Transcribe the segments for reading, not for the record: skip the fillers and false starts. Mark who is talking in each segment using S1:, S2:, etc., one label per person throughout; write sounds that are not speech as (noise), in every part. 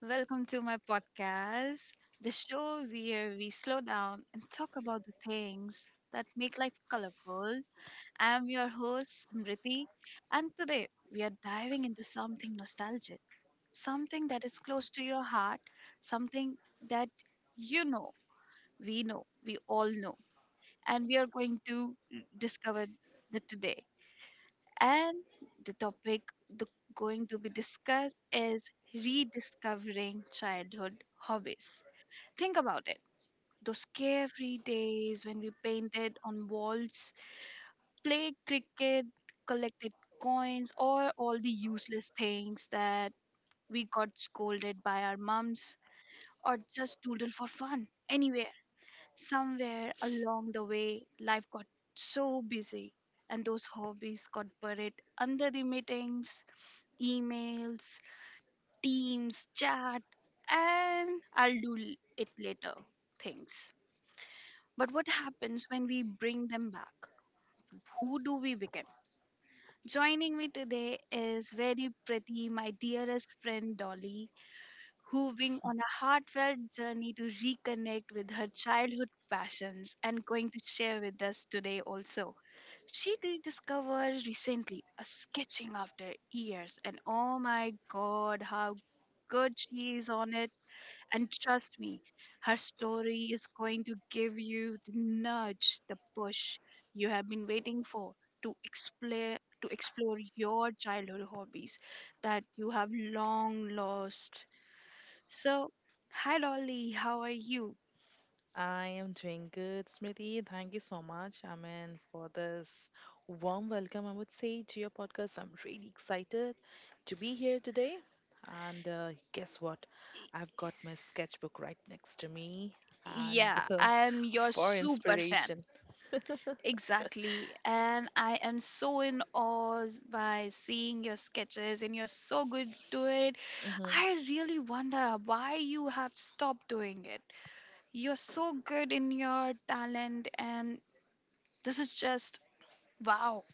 S1: welcome to my podcast, the show where we slow down and talk about the things that make life colorful. I'm your host, Smriti, and today we are diving into something nostalgic, something that is close to your heart, something that you know, we know, we all know, and we are going to discover that today. And the topic the, going to be discussed is rediscovering childhood hobbies. Think about it. Those carefree days when we painted on walls, played cricket, collected coins, or all the useless things that we got scolded by our mums, or just doodled for fun. Anyway, somewhere along the way, life got so busy, and those hobbies got buried under the meetings, emails, teams, chat, and it later things. But what happens when we bring them back? Who do we become? Joining me today is very pretty, my dearest friend Dolly, who went on a heartfelt journey to reconnect with her childhood passions and going to share with us today also. She rediscovered recently a sketching after years, and oh my god, how good she is on it. And trust me, her story is going to give you the nudge, the push you have been waiting for to explore your childhood hobbies that you have long lost. So, hi Dolly, how are you?
S2: I am doing good, Smriti. Thank you so much, Amen, for this warm welcome, I would say, to your podcast. I'm really excited to be here today. And guess what?
S1: Y-
S2: I've got my sketchbook right next to me and
S1: Yeah,
S2: (laughs)
S1: I am your
S2: for
S1: super fan.
S2: inspiration.
S1: Exactly. And I am so in awe by seeing your sketches and you're so good to it. I really wonder why you have stopped doing it. You're so good in your talent and this is just wow.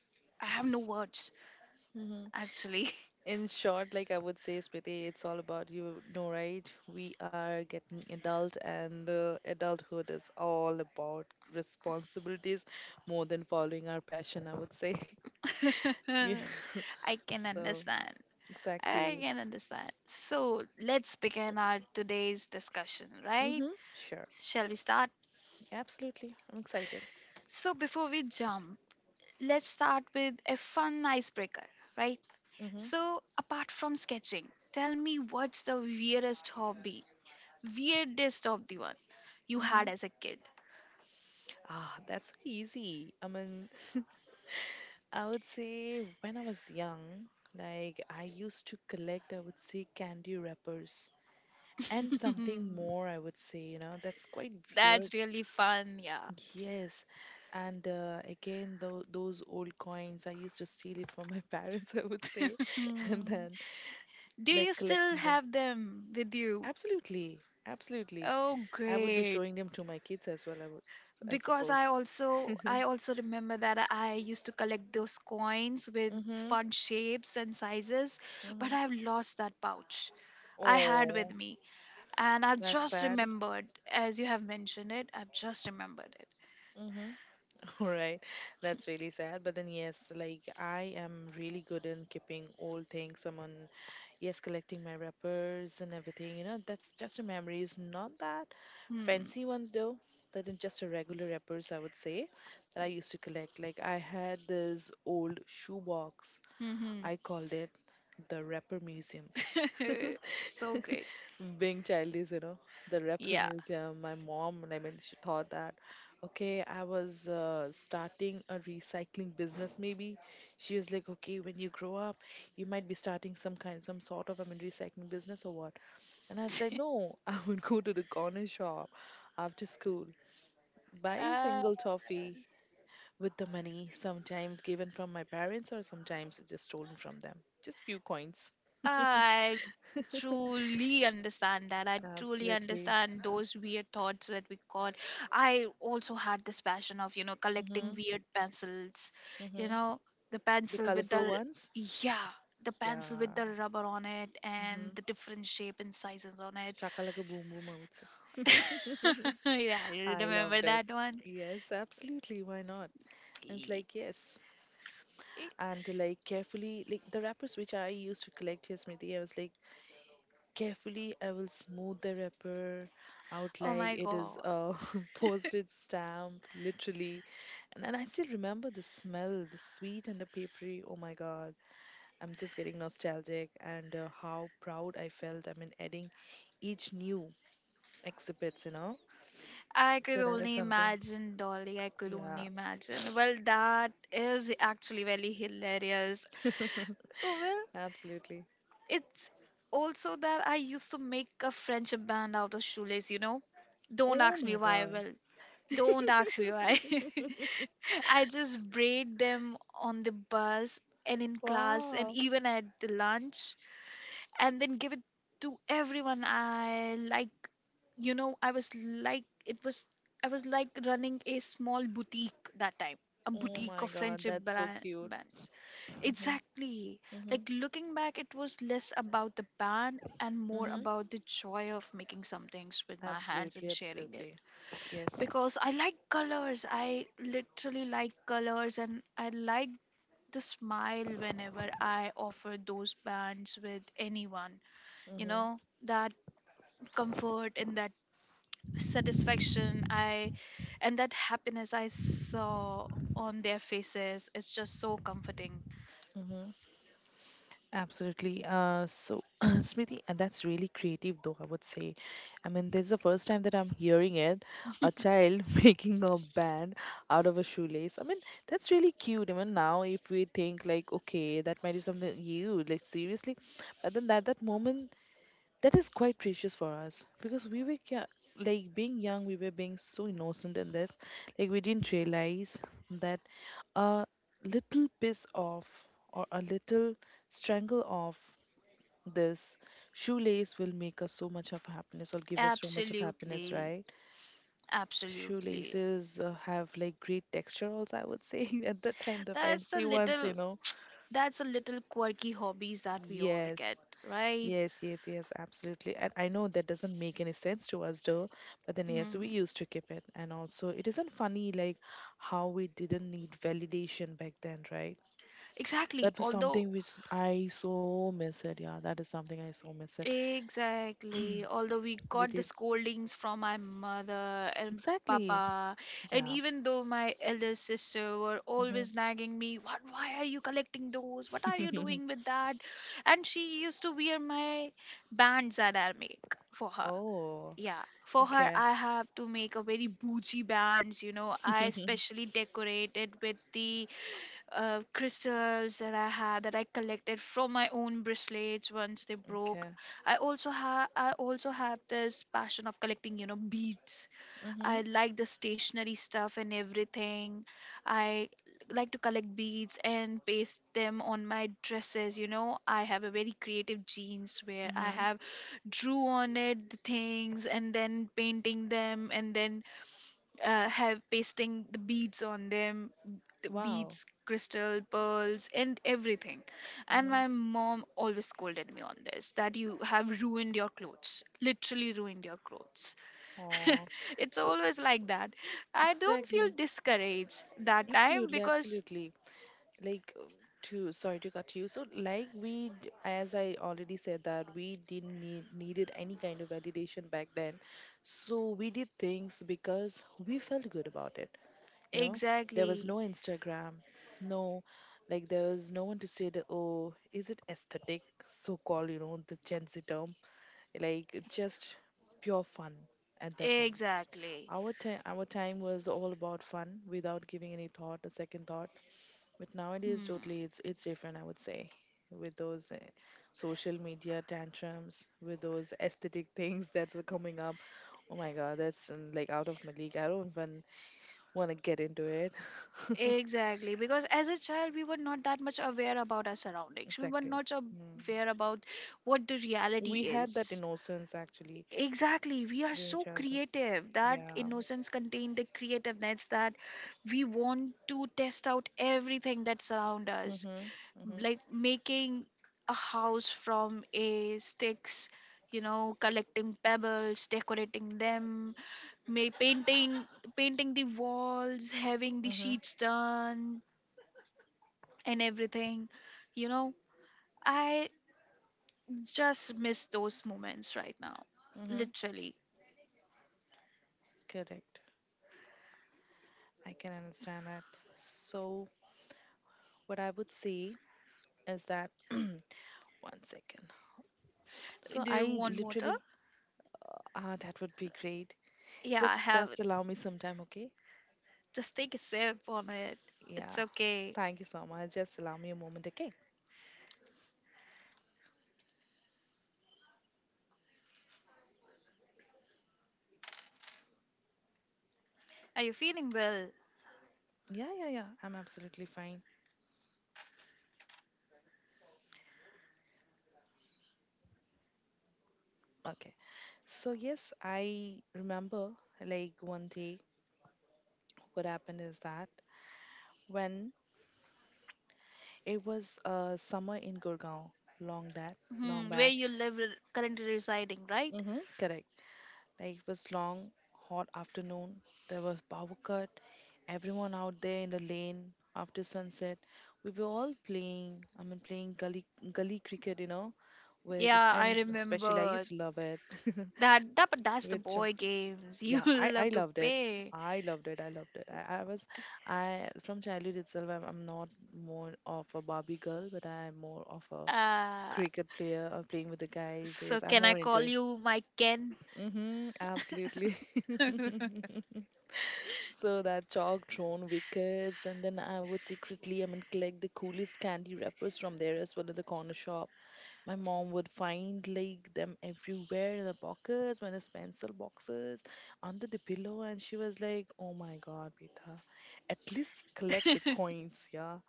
S1: I have no words
S2: (laughs) Mhm.
S1: actually.
S2: In short, like I would say, Smriti, it's all about you know, right? We are getting adult, and the adulthood is all about responsibilities more than following our passion, I would say. (laughs) Yeah. (laughs)
S1: (laughs) I can
S2: So,
S1: understand. I
S2: exactly.
S1: can understand. So let's begin our today's discussion, right?
S2: Mm-hmm. Sure.
S1: Shall we start?
S2: Absolutely. I'm excited.
S1: So before we jump, let's start with a fun icebreaker, right?
S2: Mm-hmm.
S1: So apart from sketching, tell me what's the weirdest hobby, weirdest of the one you
S2: Mm-hmm.
S1: had as a kid? (laughs)
S2: Ah, that's so easy. I mean, I would say when I was young, like I used to collect, I would say candy wrappers and something more, I would say, that's quite
S1: That's
S2: weird.
S1: really fun, yeah. (laughs)
S2: Yes. And again, those old coins, I used to steal it from my (laughs) parents, I would say, (laughs) and
S1: Hmm.
S2: then
S1: Do
S2: like
S1: you still
S2: collecting them.
S1: have them with you?
S2: Absolutely, absolutely.
S1: Oh,
S2: I would be
S1: great.
S2: showing them to my kids as well. I would, I
S1: Because i
S2: suppose. (laughs)
S1: also
S2: Mm-hmm.
S1: i also remember that I used to collect those coins with fun shapes and sizes, but
S2: Mm-hmm.
S1: I've lost that pouch I had with
S2: Oh,
S1: me, and I've
S2: that's
S1: just
S2: sad.
S1: remembered, as you have mentioned it, I've just remembered it.
S2: Mm-hmm. (laughs) All right, that's really sad. But then yes, like I am really good in keeping old things. Someone. Yes, collecting my wrappers and everything, that's just a memory. It's not that
S1: Hmm.
S2: fancy ones though. That is just a regular wrappers, I would say, that I used to collect. Like I had this old shoebox.
S1: Mm-hmm.
S2: I called it the wrapper museum. (laughs)
S1: (laughs) So great.
S2: Being childish, the rapper
S1: Yeah.
S2: museum. My mom, I mean, she thought that, okay, I was starting a recycling business. Maybe she was like, okay, when you grow up, you might be starting some kind, some sort of, I mean, recycling business or what? And I was like, no, (laughs) I would go to the corner shop after school, buy
S1: (laughs)
S2: a
S1: uh,
S2: single toffee with the money sometimes given from my parents or sometimes just stolen from them, just few coins. (laughs)
S1: I truly understand that. I truly
S2: Absolutely.
S1: understand those weird thoughts that we got. I also had this passion of, you know, collecting
S2: Mm-hmm.
S1: weird pencils. You
S2: Mm-hmm.
S1: know, the
S2: The
S1: pencil with
S2: colorful
S1: the,
S2: ones.
S1: yeah, the pencil with
S2: Yeah.
S1: the rubber on it and
S2: Mm.
S1: the different shape and sizes on it.
S2: Shaka like a boom boom, I would say.
S1: (laughs) Yeah, you
S2: I
S1: remember
S2: loved it.
S1: that one?
S2: Yes, absolutely. Why not? And it's
S1: Ye-
S2: like, yes. And like carefully, like the wrappers which I used to collect, yes, Smriti, I was like. Carefully, I will smooth the wrapper out
S1: Oh
S2: like
S1: my
S2: it is
S1: god.
S2: a (laughs) postage stamp, literally. And then I still remember the smell, the sweet and the papery. Oh my God, I'm just getting nostalgic and how proud I felt. I mean, adding each new exhibits, you know.
S1: I could
S2: So that is
S1: only
S2: something.
S1: imagine, Dolly. I could
S2: Yeah,
S1: only imagine. Well, that is actually very hilarious.
S2: (laughs)
S1: Well,
S2: absolutely.
S1: it's also that I used to make a friendship band out of shoelace, you know? Don't
S2: Oh
S1: ask me
S2: my
S1: why,
S2: God.
S1: well, don't ask me why. (laughs) I just braid them on the bus and in class and
S2: Wow.
S1: even at the lunch and then give it to everyone I like. You know, I was like, it was, I was like running a small boutique that time, a
S2: Oh
S1: boutique
S2: my
S1: of
S2: god, that's so cute.
S1: bands,
S2: Mm-hmm.
S1: exactly.
S2: Mm-hmm.
S1: Like, looking back, it was less about the band and more
S2: Mm-hmm.
S1: about the joy of making some things with my hands and
S2: Absolutely,
S1: sharing it,
S2: absolutely. Yes.
S1: because I like colors. I literally like colors, and I like the smile whenever I offer those bands with anyone, you
S2: Mm-hmm.
S1: know, that comfort and that satisfaction I and that happiness I saw on their faces is just so comforting.
S2: Absolutely. So, (clears throat) Smriti, and that's really creative, though, I would say. I mean, this is the first time that I'm hearing it. A child (laughs) making a band out of a shoelace. I mean, that's really cute. Even now if we think, like, okay, that might be something you, like, seriously. But then at that moment, that is quite precious for us because we were, like, being young, we were being so innocent in this. Like, we didn't realize that a little piece off or a little strangle off this shoelace will make us so much of happiness or give us so much of happiness,
S1: Absolutely,
S2: right?
S1: absolutely.
S2: Shoelaces have like great texture also, I would say, (laughs) at that time, the
S1: that's a
S2: fancy ones, you
S1: little
S2: know.
S1: that's a little quirky hobbies that we all
S2: Yes,
S1: get, right?
S2: yes, yes, yes, absolutely. And I know that doesn't make any sense to us though, but then yes, we
S1: Mm.
S2: used to keep it. And also it isn't funny like how we didn't need validation back then, right?
S1: Exactly,
S2: That was
S1: although.
S2: something which I so miss it. Yeah, that is something I so miss it.
S1: Exactly. Although we
S2: We
S1: got the
S2: did.
S1: scoldings from my mother and
S2: Exactly.
S1: papa, and
S2: Yeah.
S1: even though my elder sister were
S2: Mm-hmm.
S1: always nagging me, what? Why are you collecting those? What are you doing
S2: (laughs)
S1: with that? And she used to wear my bands that I make for her.
S2: Oh,
S1: Yeah, for her,
S2: okay.
S1: I have to make a very bougie bands. You know, I especially decorate it with the crystals that I had that I collected from my own bracelets once they broke.
S2: Okay.
S1: I also have this passion of collecting, you know, beads.
S2: Mm-hmm.
S1: I like the stationery stuff and everything. I like to collect beads and paste them on my dresses, you know. I have a very creative genes where I have drew on it the things and then painting them and then have pasting the beads on them, the
S2: Mm-hmm. Wow.
S1: beads crystal pearls and everything, and
S2: Mhm.
S1: my mom always scolded me on this that you have ruined your clothes, literally ruined your clothes. (laughs)
S2: Oh,
S1: It's
S2: so
S1: always like that. I don't feel
S2: exactly.
S1: discouraged that time
S2: Absolutely,
S1: because
S2: absolutely. Like to sorry to cut you. So like we, as I already said that we didn't needed any kind of validation back then. So we did things because we felt good about it. You know, there was
S1: exactly,
S2: no Instagram, no, like there's no one to say that, oh, is it aesthetic, so called, you know, the Gen Z term, like just pure fun at that moment.
S1: exactly.
S2: Our time was all about fun without giving any thought, a second thought. But nowadays, totally,
S1: Hmm.
S2: it's different, I would say, with those social media tantrums, with those aesthetic (laughs) things that's coming up. Oh my God, that's like out of my league. I don't even want to get into it.
S1: Exactly, because as a child, we were not that much aware about our
S2: (laughs)
S1: surroundings. We were
S2: Exactly.
S1: not
S2: Mm.
S1: aware about what the reality
S2: We had that
S1: is.
S2: innocence actually
S1: Exactly. We are
S2: during
S1: so
S2: childhood.
S1: creative. That
S2: Yeah.
S1: innocence contains the creativeness that we want to test out everything that surrounds us.
S2: Mm-hmm. Mm-hmm.
S1: Like making a house from a sticks, you know, collecting pebbles, decorating them, may painting painting the walls, having the
S2: Mm-hmm.
S1: sheets done and everything. You know, I just miss those moments right now.
S2: Mm-hmm.
S1: Literally.
S2: Correct. I can understand that. So, what I would say is that (clears throat) one second. So
S1: Do you
S2: I
S1: want water?
S2: literally ah that would be great.
S1: Yeah, I
S2: Just
S1: have.
S2: just allow me some time, okay?
S1: Just take a sip on it. It's
S2: Yeah.
S1: okay.
S2: Thank you so much. Just allow me a moment, okay?
S1: Are you feeling well?
S2: Yeah, yeah, yeah. I'm absolutely fine. Okay. So yes, I remember like one day what happened is that when it was summer in Gurgaon, long that long
S1: Hmm, where
S2: back.
S1: you live, currently residing, right?
S2: Mm-hmm, correct. Like it was long, hot afternoon. There was power cut. Everyone out there in the lane after sunset. We were all playing. I mean, playing gully cricket, you know, with this
S1: Yeah,
S2: and
S1: I
S2: especially I
S1: remember
S2: used to love it. (laughs)
S1: that. That, but that's the
S2: With chalk.
S1: boy games. (laughs) You
S2: Yeah, I
S1: love to
S2: loved it.
S1: pay.
S2: I loved it. I loved it. I from childhood itself. I'm not more of a Barbie girl, but I'm more of a
S1: Uh,
S2: cricket player or playing with the guys.
S1: so
S2: Yes, I'm
S1: can I
S2: more into
S1: call
S2: it.
S1: you my Ken?
S2: Mm-hmm, absolutely.
S1: (laughs)
S2: (laughs) So that chalk drawn wickets, and then I would secretly, I mean, collect the coolest candy wrappers from there as well in the corner shop. My mom would find like them everywhere in the pockets, my pencil boxes, under the pillow, and she was like, "Oh my God, beta, at least collect the coins, yeah."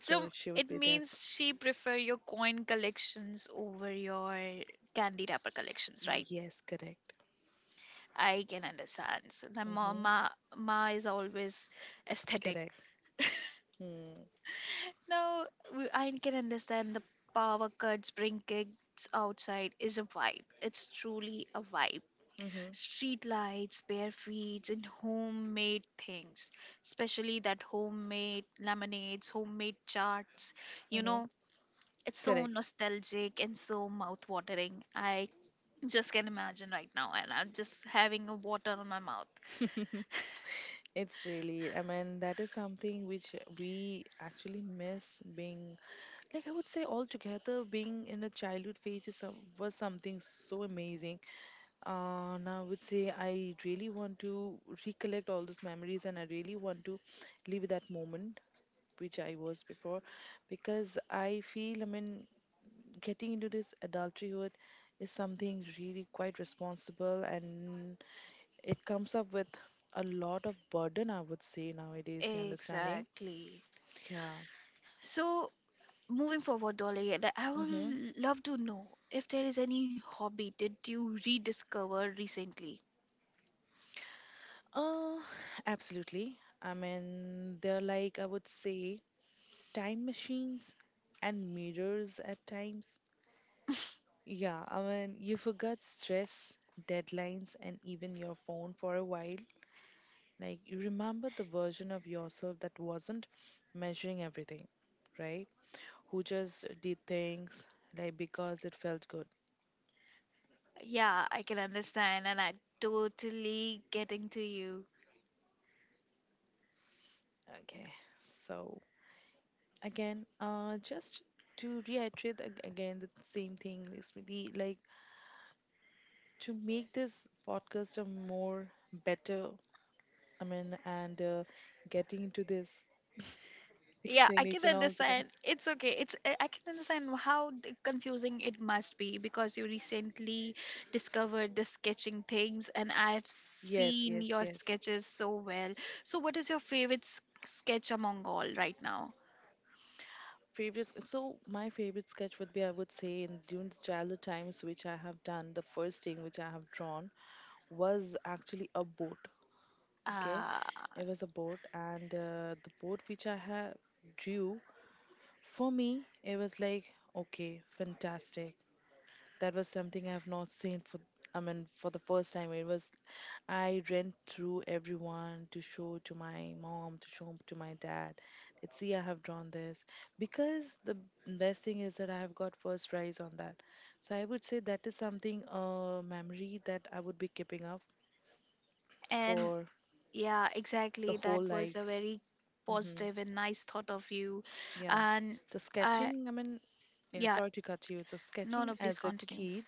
S1: So
S2: So she would
S1: it
S2: be this.
S1: means she prefer your coin collections over your candy wrapper collections, right?
S2: Yes, correct.
S1: I can understand. So my
S2: Mm-hmm.
S1: mama, ma ma is always aesthetic.
S2: Correct.
S1: (laughs)
S2: Hmm.
S1: No, I can understand the power cuts bring kids outside is a vibe. It's truly a vibe.
S2: Mm-hmm.
S1: Street lights, bare feet, and homemade things, especially that homemade lemonades, homemade charts. You
S2: Mm-hmm.
S1: know, it's so
S2: Correct.
S1: nostalgic and so mouth-watering. I just can imagine right now, and I'm just having a water on my mouth.
S2: (laughs) It's really, I mean, that is something which we actually miss being, like I would say all together, being in a childhood phase is some, was something so amazing. Now I would say I really want to recollect all those memories and I really want to live that moment which I was before because I feel, I mean, getting into this adulthood is something really quite responsible and it comes up with a lot of burden, I would say, nowadays, you understanding?
S1: Exactly.
S2: Yeah.
S1: So, moving forward, Dolly, that I
S2: Mm-hmm.
S1: will love to know if there is any hobby did you rediscover recently?
S2: Uh, Absolutely. I mean, they're like, I would say, time machines and mirrors at times. Yeah, I mean, you forgot stress, deadlines, and even your phone for a while. Like, you remember the version of yourself that wasn't measuring everything, right? Who just did things like because it felt good.
S1: Yeah, I can understand, and I totally getting to you.
S2: Okay, so again, just to reiterate again the same thing, Smriti, like to make this podcast a more better, I mean, and getting into this (laughs)
S1: Yeah, I can
S2: explanation altogether.
S1: understand. It's okay. It's I can understand how confusing it must be because you recently discovered the sketching things, and I've
S2: Yes,
S1: seen
S2: yes,
S1: your
S2: yes.
S1: sketches so well. So, what is your favorite sketch among all right now?
S2: Previous, so my favorite sketch would be, I would say, in during the childhood times, which I have done, the first thing which I have drawn was actually a boat. Okay,
S1: Uh,
S2: it was a boat, and the boat which I have drew. For me, it was like, okay, fantastic. That was something I've not seen for, I mean, for the first time. It was, I ran through everyone to show to my mom, to show to my dad. Let's see, I have drawn this. Because the best thing is that I have got first prize on that. So I would say that is something, a memory that I would be keeping up
S1: and
S2: for
S1: Yeah,
S2: the
S1: exactly.
S2: whole
S1: That was a
S2: life.
S1: very
S2: Hmm.
S1: positive and nice thought of you.
S2: Yeah.
S1: And
S2: The
S1: I,
S2: sketching, I mean, yeah,
S1: yeah,
S2: sorry to cut you. So
S1: no,
S2: sketching
S1: no, please
S2: as a
S1: continue.
S2: kid,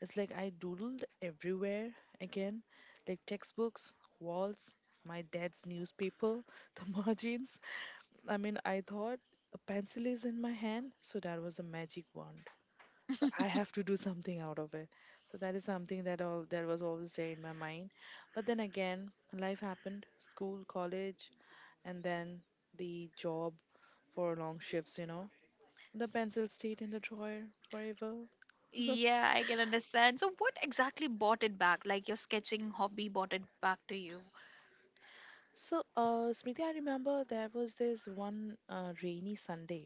S2: it's like I doodled everywhere again, like textbooks, walls, my dad's newspaper, (laughs) the margins. I mean, I thought a pencil is in my hand, so that was a magic wand. So I have to do something out of it. So that is something that all that was always there in my mind. But then again, life happened, school, college, and then the job for long shifts, you know. The pencil stayed in the drawer forever.
S1: Yeah, I can understand. So, what exactly brought it back? Like your sketching hobby brought it back to you?
S2: So, Smriti, I remember there was this one rainy Sunday.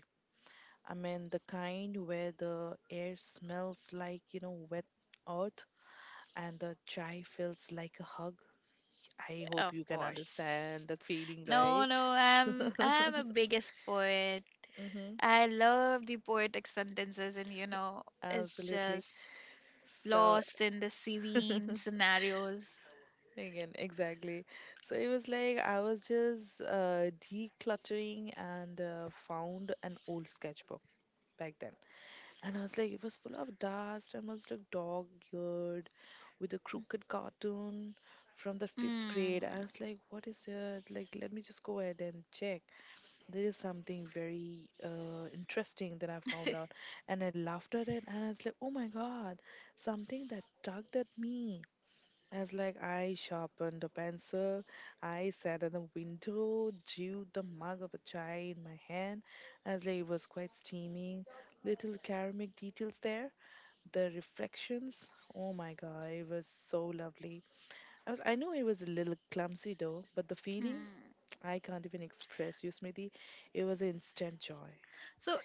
S2: I mean, the kind where the air smells like, you know, wet earth and the chai feels like a hug. I hope
S1: Of
S2: you can
S1: course.
S2: understand that feeling,
S1: No,
S2: right?
S1: no, I'm
S2: (laughs)
S1: I'm a biggest poet.
S2: Hmm,
S1: I love the poetic sentences, and you know, it's
S2: absolutely.
S1: just
S2: So
S1: lost in the serene
S2: (laughs)
S1: scenarios.
S2: again, exactly. So it was like I was just decluttering and found an old sketchbook back then. And I was like, it was full of dust and was like dog-eared with a crooked cartoon from the fifth
S1: Hmm.
S2: grade. I
S1: (laughs)
S2: was like, what is it? Like, let me just go ahead and check. There is something very interesting that I found out, and I laughed at it, and I was like, "Oh my God!" Something that tugged at me. I was like, I sharpened a pencil, I sat at the window, chewed the mug of a chai in my hand. I was like, it was quite steaming. Little ceramic details there, the reflections. Oh my God, it was so lovely. I know it was a little clumsy though, but the feeling
S1: Hmm.
S2: (tsk) I can't even express you, Smithy. It was instant joy.
S1: So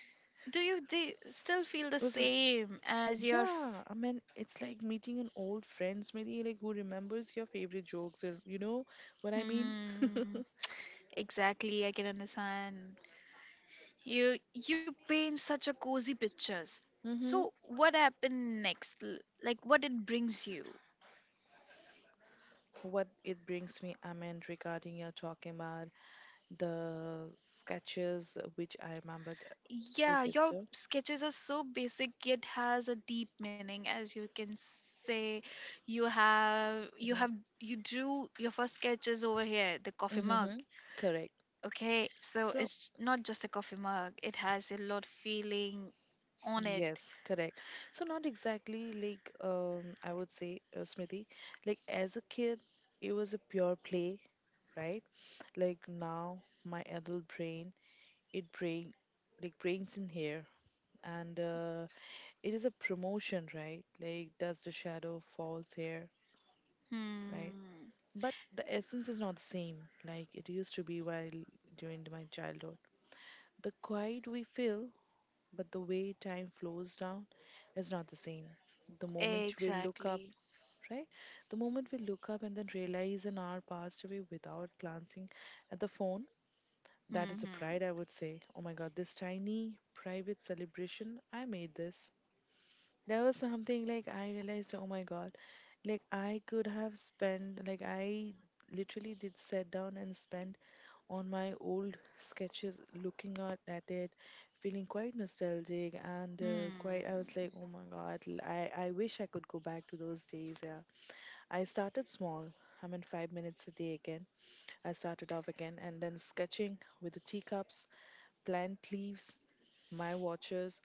S1: do you still feel the
S2: It was like,
S1: same as your
S2: yeah, I mean, it's like meeting an old friend, maybe like who remembers your favorite jokes, or you know what I mean? (laughs)
S1: hmm exactly. I can understand. You paint such a cozy pictures. So
S2: Hmm.
S1: what happened next, like what it brings you?
S2: What it brings me, I mean, regarding you're talking about the sketches, which I remember,
S1: Yeah,
S2: is it
S1: your
S2: so?
S1: sketches are so basic yet has a deep meaning, as you can say. You have you drew your first sketches over here, the coffee
S2: Hmm.
S1: mug.
S2: Hmm. Correct.
S1: Okay, so
S2: So,
S1: it's not just a coffee mug. It has a lot of feeling on it.
S2: yes, correct. So not exactly like I would say, Smriti, like as a kid, it was a pure play, right? Like now, my adult brain, it bring like brings in here, and it is a promotion, right? Like does the shadow falls here, right?
S1: Hmm.
S2: But the essence is not the same like it used to be while during my childhood. The quiet we feel but the way time flows down is not the same. The moment we look up,
S1: Exactly.
S2: right? The moment we look up and then realize an hour passed away without glancing at the phone, that is
S1: Hmm.
S2: a pride, I would say. Oh my God, this tiny private celebration, I made this. There was something like I realized, oh my God, like I could have spent, like I literally did sit down and spend on my old sketches, looking at it, feeling quite nostalgic and quite, I
S1: Hmm.
S2: was like, oh my God, I wish I could go back to those days. Yeah. I started small. I mean, 5 minutes a day again. I started off again and then sketching with the teacups, plant leaves, my watches,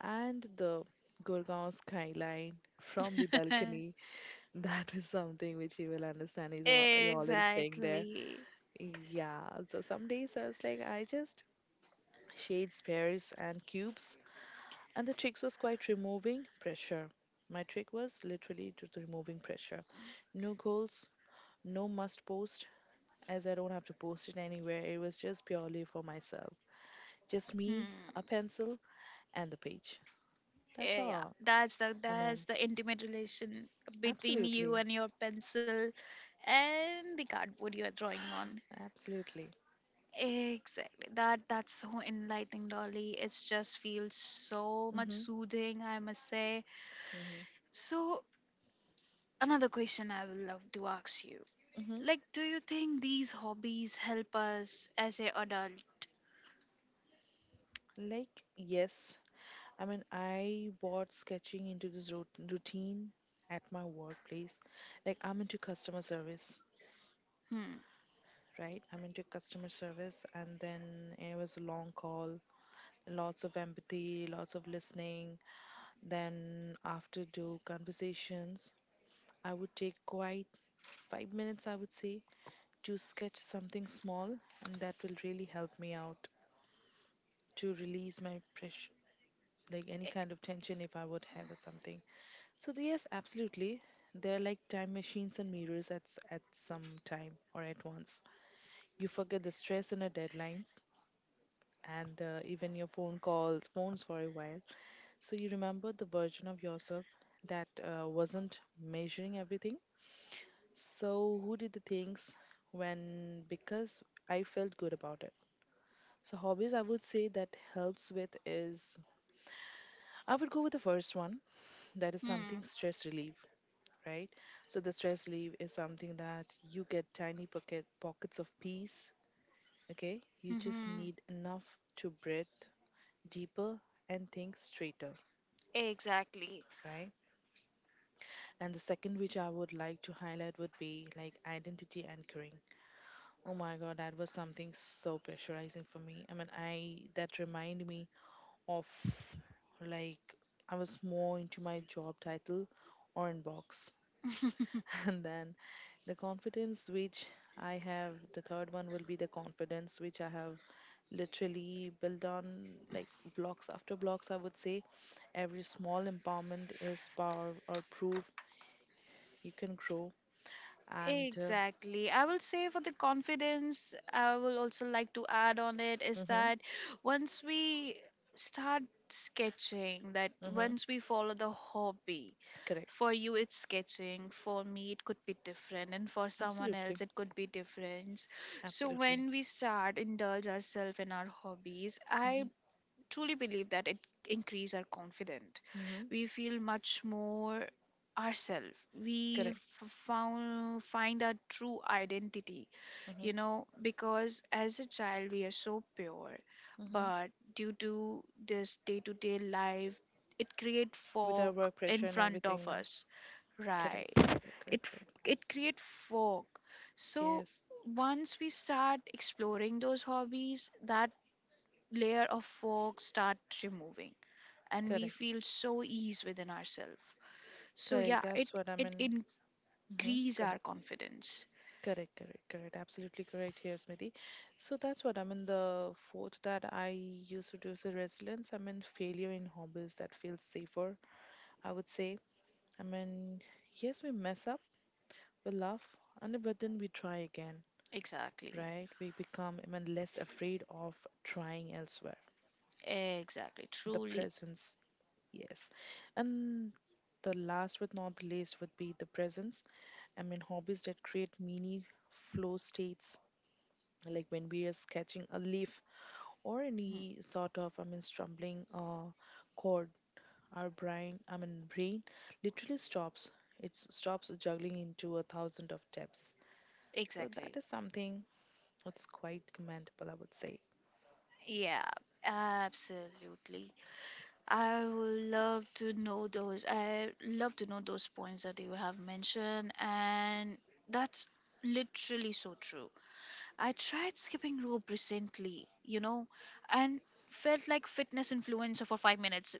S2: and the Gurgaon skyline from the balcony. (laughs) That is something which you will understand
S1: (laughs)
S2: is all, you all are staying there.
S1: Exactly.
S2: Yeah, so some days I was like, I just shades, pairs, and cubes. And the tricks was quite removing pressure. My trick was literally to removing pressure. No goals, no must post, as I don't have to post it anywhere. It was just purely for myself. Just me, a
S1: Hmm.
S2: pencil, and the page. That's
S1: Eh, yeah,
S2: all.
S1: that's the
S2: I
S1: that's
S2: mean,
S1: the intimate relation between you
S2: absolutely,
S1: and your pencil and the cardboard you are drawing on.
S2: absolutely.
S1: Exactly. That that's so enlightening, Dolly. It just feels so much
S2: Hmm.
S1: soothing, I must say. So another question I would love to ask you.
S2: Hmm.
S1: Like, do you think these hobbies help us as a adult?
S2: Like, yes. I mean, I brought sketching into this routine at my workplace. Like, I'm into customer service,
S1: Hmm.
S2: right? I'm into customer service, and then it was a long call, lots of empathy, lots of listening. Then, after do conversations, I would take quite 5 minutes, I would say, to sketch something small, and that will really help me out to release my pressure, like any
S1: Eh,
S2: kind of tension if I would have or something. So yes, absolutely. They're like time machines and mirrors at some time or at once. You forget the stress and the deadlines, and even your phone calls, phones for a while. So you remember the version of yourself that wasn't measuring everything. So who did the things when because I felt good about it. So hobbies I would say that helps with is I would go with the first one, that is something
S1: hmm.
S2: stress relief, right? So the stress relief is something that you get tiny pockets of peace, okay? You just
S1: Mm-hmm.
S2: need enough to breathe deeper and think straighter,
S1: Exactly.
S2: right? And the second which I would like to highlight would be like identity anchoring. Oh my God, that was something so pressurizing for me. I that remind me of like I was more into my job title on box, (laughs) and then the confidence which I have the third one will be the confidence which I have literally built on like blocks after blocks, I would say. Every small empowerment is power or proof you can grow, and
S1: Exactly. I will say for the confidence, I will also like to add on it is
S2: mhm.
S1: that once we start sketching, that
S2: Mm-hmm.
S1: once we follow the hobby,
S2: Correct.
S1: for you, it's sketching. For me, it could be different. And for someone
S2: Absolutely.
S1: else, it could be different. So
S2: Absolutely.
S1: when we start indulge ourselves in our hobbies, I truly believe that it increase our confidence.
S2: Mm-hmm.
S1: We feel much more ourselves. We
S2: Correct.
S1: found, find our true identity,
S2: Mm-hmm.
S1: you know, because as a child we are so pure,
S2: Mm-hmm.
S1: but due to this day to day life, it create
S2: With our
S1: fog
S2: work
S1: in
S2: pressure and
S1: front
S2: everything
S1: of
S2: now.
S1: us, right?
S2: Correct. Correct.
S1: It
S2: Correct.
S1: f-
S2: Correct.
S1: it create fog. So
S2: Yes.
S1: once we start exploring those hobbies, that layer of fog start removing, and we
S2: Correct.
S1: feel so ease within ourselves. So
S2: Correct.
S1: yeah, it
S2: That's what I
S1: it
S2: mean.
S1: increase
S2: Mm-hmm.
S1: our confidence.
S2: Correct, correct, correct. Absolutely correct here, Smriti. So that's what I mean. The fourth that I used to do is a resilience. I mean, failure in hobbies that feels safer, I would say. I mean, yes, we mess up, we laugh, and but then we try again,
S1: Exactly.
S2: right? We become, I mean, less afraid of trying elsewhere.
S1: Exactly.
S2: The
S1: Truly.
S2: presence, yes. And the last but not the least would be the presence. I mean, hobbies that create mini flow states like when we are sketching a leaf or any sort of, stumbling chord, our brain, brain literally stops. It stops juggling into a thousand of steps, so
S1: Exactly.
S2: that is something that's quite commendable, I would say.
S1: Yeah, absolutely. I would love to know those. I love to know those points that you have mentioned, and that's literally so true. I tried skipping rope recently, you know, and felt like fitness influencer for five minutes,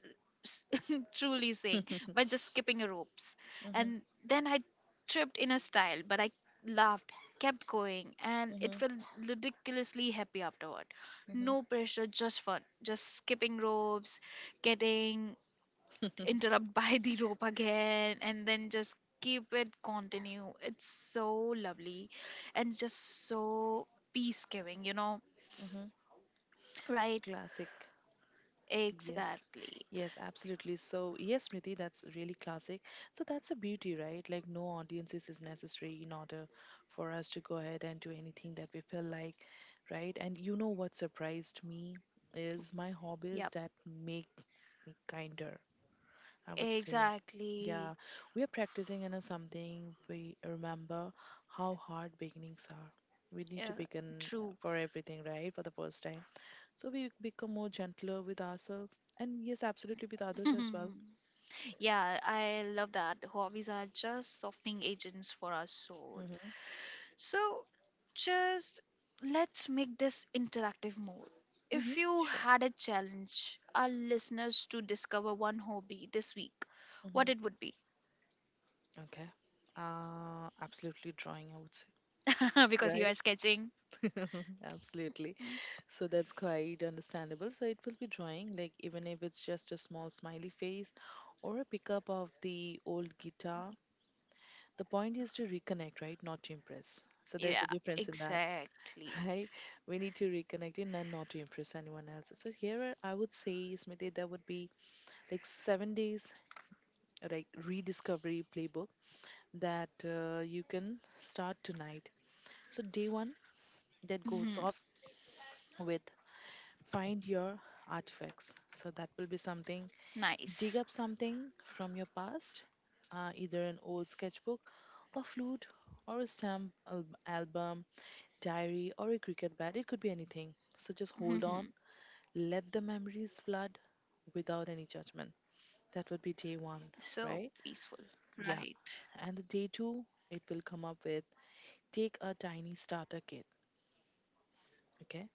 S1: (laughs) truly saying, by just skipping ropes.
S2: Hmm.
S1: And then I tripped in a style, but I laughed, kept going, and it
S2: Hmm.
S1: felt ridiculously happy afterward.
S2: Hmm.
S1: No pressure, just fun. Just skipping ropes, getting interrupt (laughs) by the rope again and then just keep it continue. It's so lovely and just so peace giving, you know,
S2: Hmm.
S1: right?
S2: Classic. Yes,
S1: Exactly.
S2: yes, absolutely. So, yes, Smriti, that's really classic. So, that's a beauty, right? Like, no audiences is necessary in order for us to go ahead and do anything that we feel like, right? And you know what surprised me is my hobbies
S1: Yep,
S2: that make me kinder, I would say.
S1: exactly.
S2: Yeah, we are practicing in a something we remember how hard beginnings are. We need to
S1: Yeah,
S2: begin
S1: true.
S2: for everything, right? For the first time, so we become more gentler with ourselves and yes, absolutely with others as well.
S1: (laughs) Yeah, I love that. Hobbies are just softening agents for our soul.
S2: Mm-hmm.
S1: So, just let's make this interactive more.
S2: Mm-hmm.
S1: If you
S2: Sure.
S1: had a challenge, our listeners to discover one hobby this week,
S2: Mm-hmm.
S1: what it would be?
S2: Okay. Absolutely drawing, I would say.
S1: (laughs) Because you are sketching.
S2: Right. (laughs) Absolutely.
S1: Mm,
S2: So that's quite understandable. So it will be drawing, like even if it's just a small smiley face or a pickup of the old guitar. The point is to reconnect, right? Not to impress. So there's
S1: yeah,
S2: a difference in that.
S1: exactly.
S2: Right? We need to reconnect in and not to impress anyone else. So I would say, Smriti, there would be like 7 days like rediscovery playbook that you can start tonight. So day one that goes
S1: Hmm.
S2: off with find your artifacts. So that will be something, dig
S1: Nice.
S2: up something from your past, either an old sketchbook, a flute, or a stamp album, diary, or a cricket bat. It could be anything. So just hold on.
S1: Hmm.
S2: Let the memories flood without any judgment. That would be day one,
S1: So
S2: right?
S1: peaceful,
S2: Yeah.
S1: right?
S2: And the day two, it will come up with take a tiny starter kit, okay?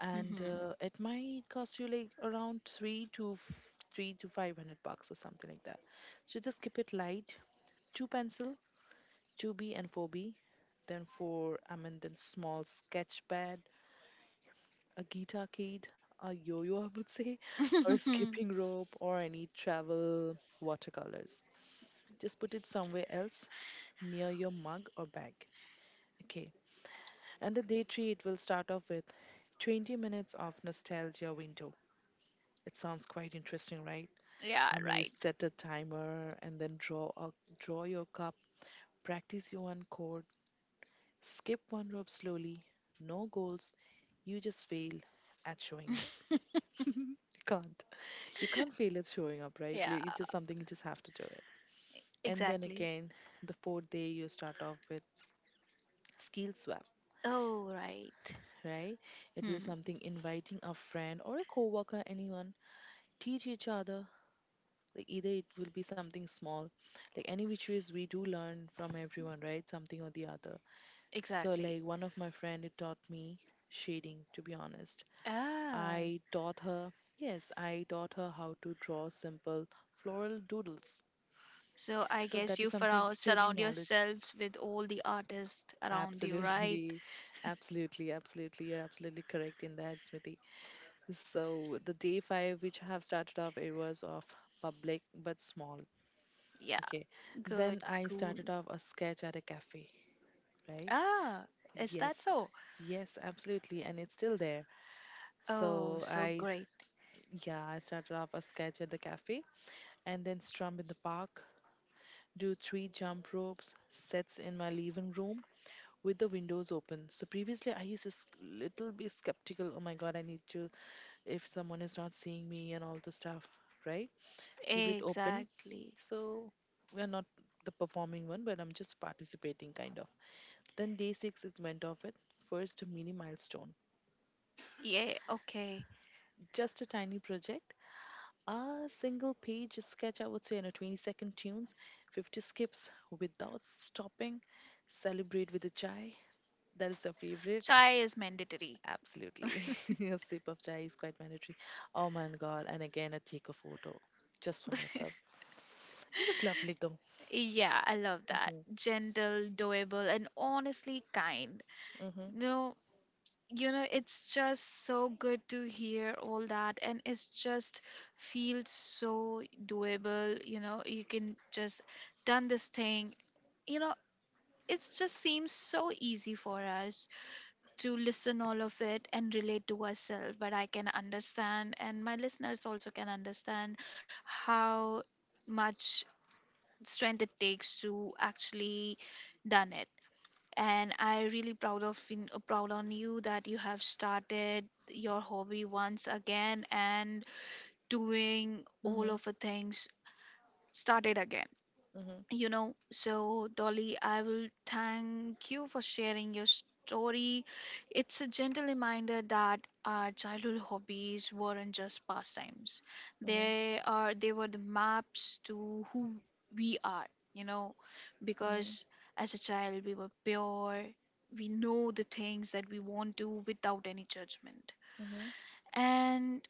S2: And
S1: Hmm.
S2: it might cost you like around 3 to 500 bucks or something like that. So just keep it light. Two pencil, two B and four B, then four. I mean, then small sketch pad, a guitar kit, a yo-yo, I would say, (laughs) or a
S1: (laughs)
S2: skipping rope, or any travel watercolors. Just put it somewhere else near your mug or bag. Okay. And the day three, it will start off with 20 minutes of nostalgia window. It sounds quite interesting, right?
S1: Yeah,
S2: I mean, you
S1: right.
S2: set a timer and then draw your cup, practice your one chord, skip one rope slowly, no goals. You just fail at showing up. (laughs) You can't. You can't fail
S1: (laughs)
S2: at showing up, right?
S1: Yeah,
S2: It's just something you just have to do it. And then
S1: exactly.
S2: again, the fourth day you start off with skill swap,
S1: Oh, right.
S2: right? It will
S1: Hmm.
S2: something inviting a friend or a coworker, anyone, teach each other. Like either it will be something small, like any which ways we do learn from everyone, right? Something or the other. So
S1: Exactly.
S2: like one of my friend it taught me shading. To be honest,
S1: Ah,
S2: I taught her. Yes, I taught her how to draw simple floral doodles.
S1: so I
S2: So
S1: guess
S2: that
S1: you
S2: is something exchanging
S1: surround
S2: knowledge.
S1: yourselves with all the artists around you, right?
S2: Absolutely, (laughs) absolutely, absolutely. You're absolutely correct in that, Smriti. So the day five, which I have started off, it was of public but small.
S1: Yeah,
S2: Okay. Then
S1: good,
S2: I
S1: cool.
S2: started off a sketch at a cafe, right?
S1: Ah, is that
S2: Yes.
S1: so?
S2: Yes, absolutely. And it's still there.
S1: Oh,
S2: So
S1: so
S2: I,
S1: great.
S2: yeah, I started off a sketch at the cafe and then strum in the park, do 3 jump ropes, sets in my living room with the windows open. So previously I used to little be skeptical. Oh my God, I need to, if someone is not seeing me and all the stuff, right? Leave it open.
S1: Exactly.
S2: So we are not the performing one, but I'm just participating kind of. Then day six is went off with first mini milestone.
S1: Yeah, okay.
S2: Just a tiny project. A single page sketch, I would say, and a 20-second tunes, 50 skips without stopping. Celebrate with a chai. That is your favorite.
S1: Chai is mandatory.
S2: Absolutely.
S1: (laughs)
S2: (laughs) A sip of chai is quite mandatory. Oh my God. And again, I take a photo just for myself. It was lovely though.
S1: Yeah, I love that.
S2: Hmm.
S1: Gentle, doable, and honestly kind. No, you know, it's just so good to hear all that, and it's just feels so doable. You know, you can just done this thing. You know, it just seems so easy for us to listen all of it and relate to ourselves, but I can understand, and my listeners also can understand how much strength it takes to actually done it. And I really proud of proud on you that you have started your hobby once again and doing all
S2: Mm-hmm.
S1: of the things started again.
S2: Mm-hmm. Mm-hmm.
S1: You know, so Dolly, I will thank you for sharing your story. It's a gentle reminder that our childhood hobbies weren't just pastimes.
S2: Mm-hmm.
S1: They are they were the maps to who we are, you know,
S2: Mm-hmm.
S1: because as a child we were pure. We know the things that we want to without any judgment. And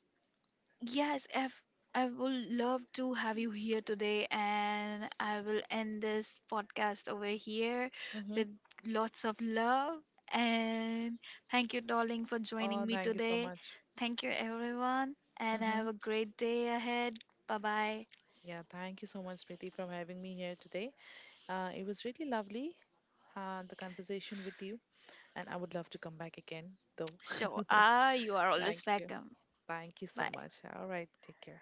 S1: yes, if I will love to have you here today, and I will end this podcast over here
S2: Mm-hmm.
S1: with lots of love. And thank you, darling, for
S2: Oh,
S1: joining me
S2: thank you so
S1: today.
S2: much.
S1: Thank you, everyone, and
S2: Mm-hmm.
S1: have a great day ahead. Bye bye.
S2: Yeah, thank you so much, Smriti, for having me here today. It was really lovely, the conversation with you, and I would love to come back again, though.
S1: Sure,
S2: (laughs)
S1: ah, you are
S2: Thank
S1: always
S2: you.
S1: welcome.
S2: Thank you so
S1: Bye.
S2: much. All right. Take care.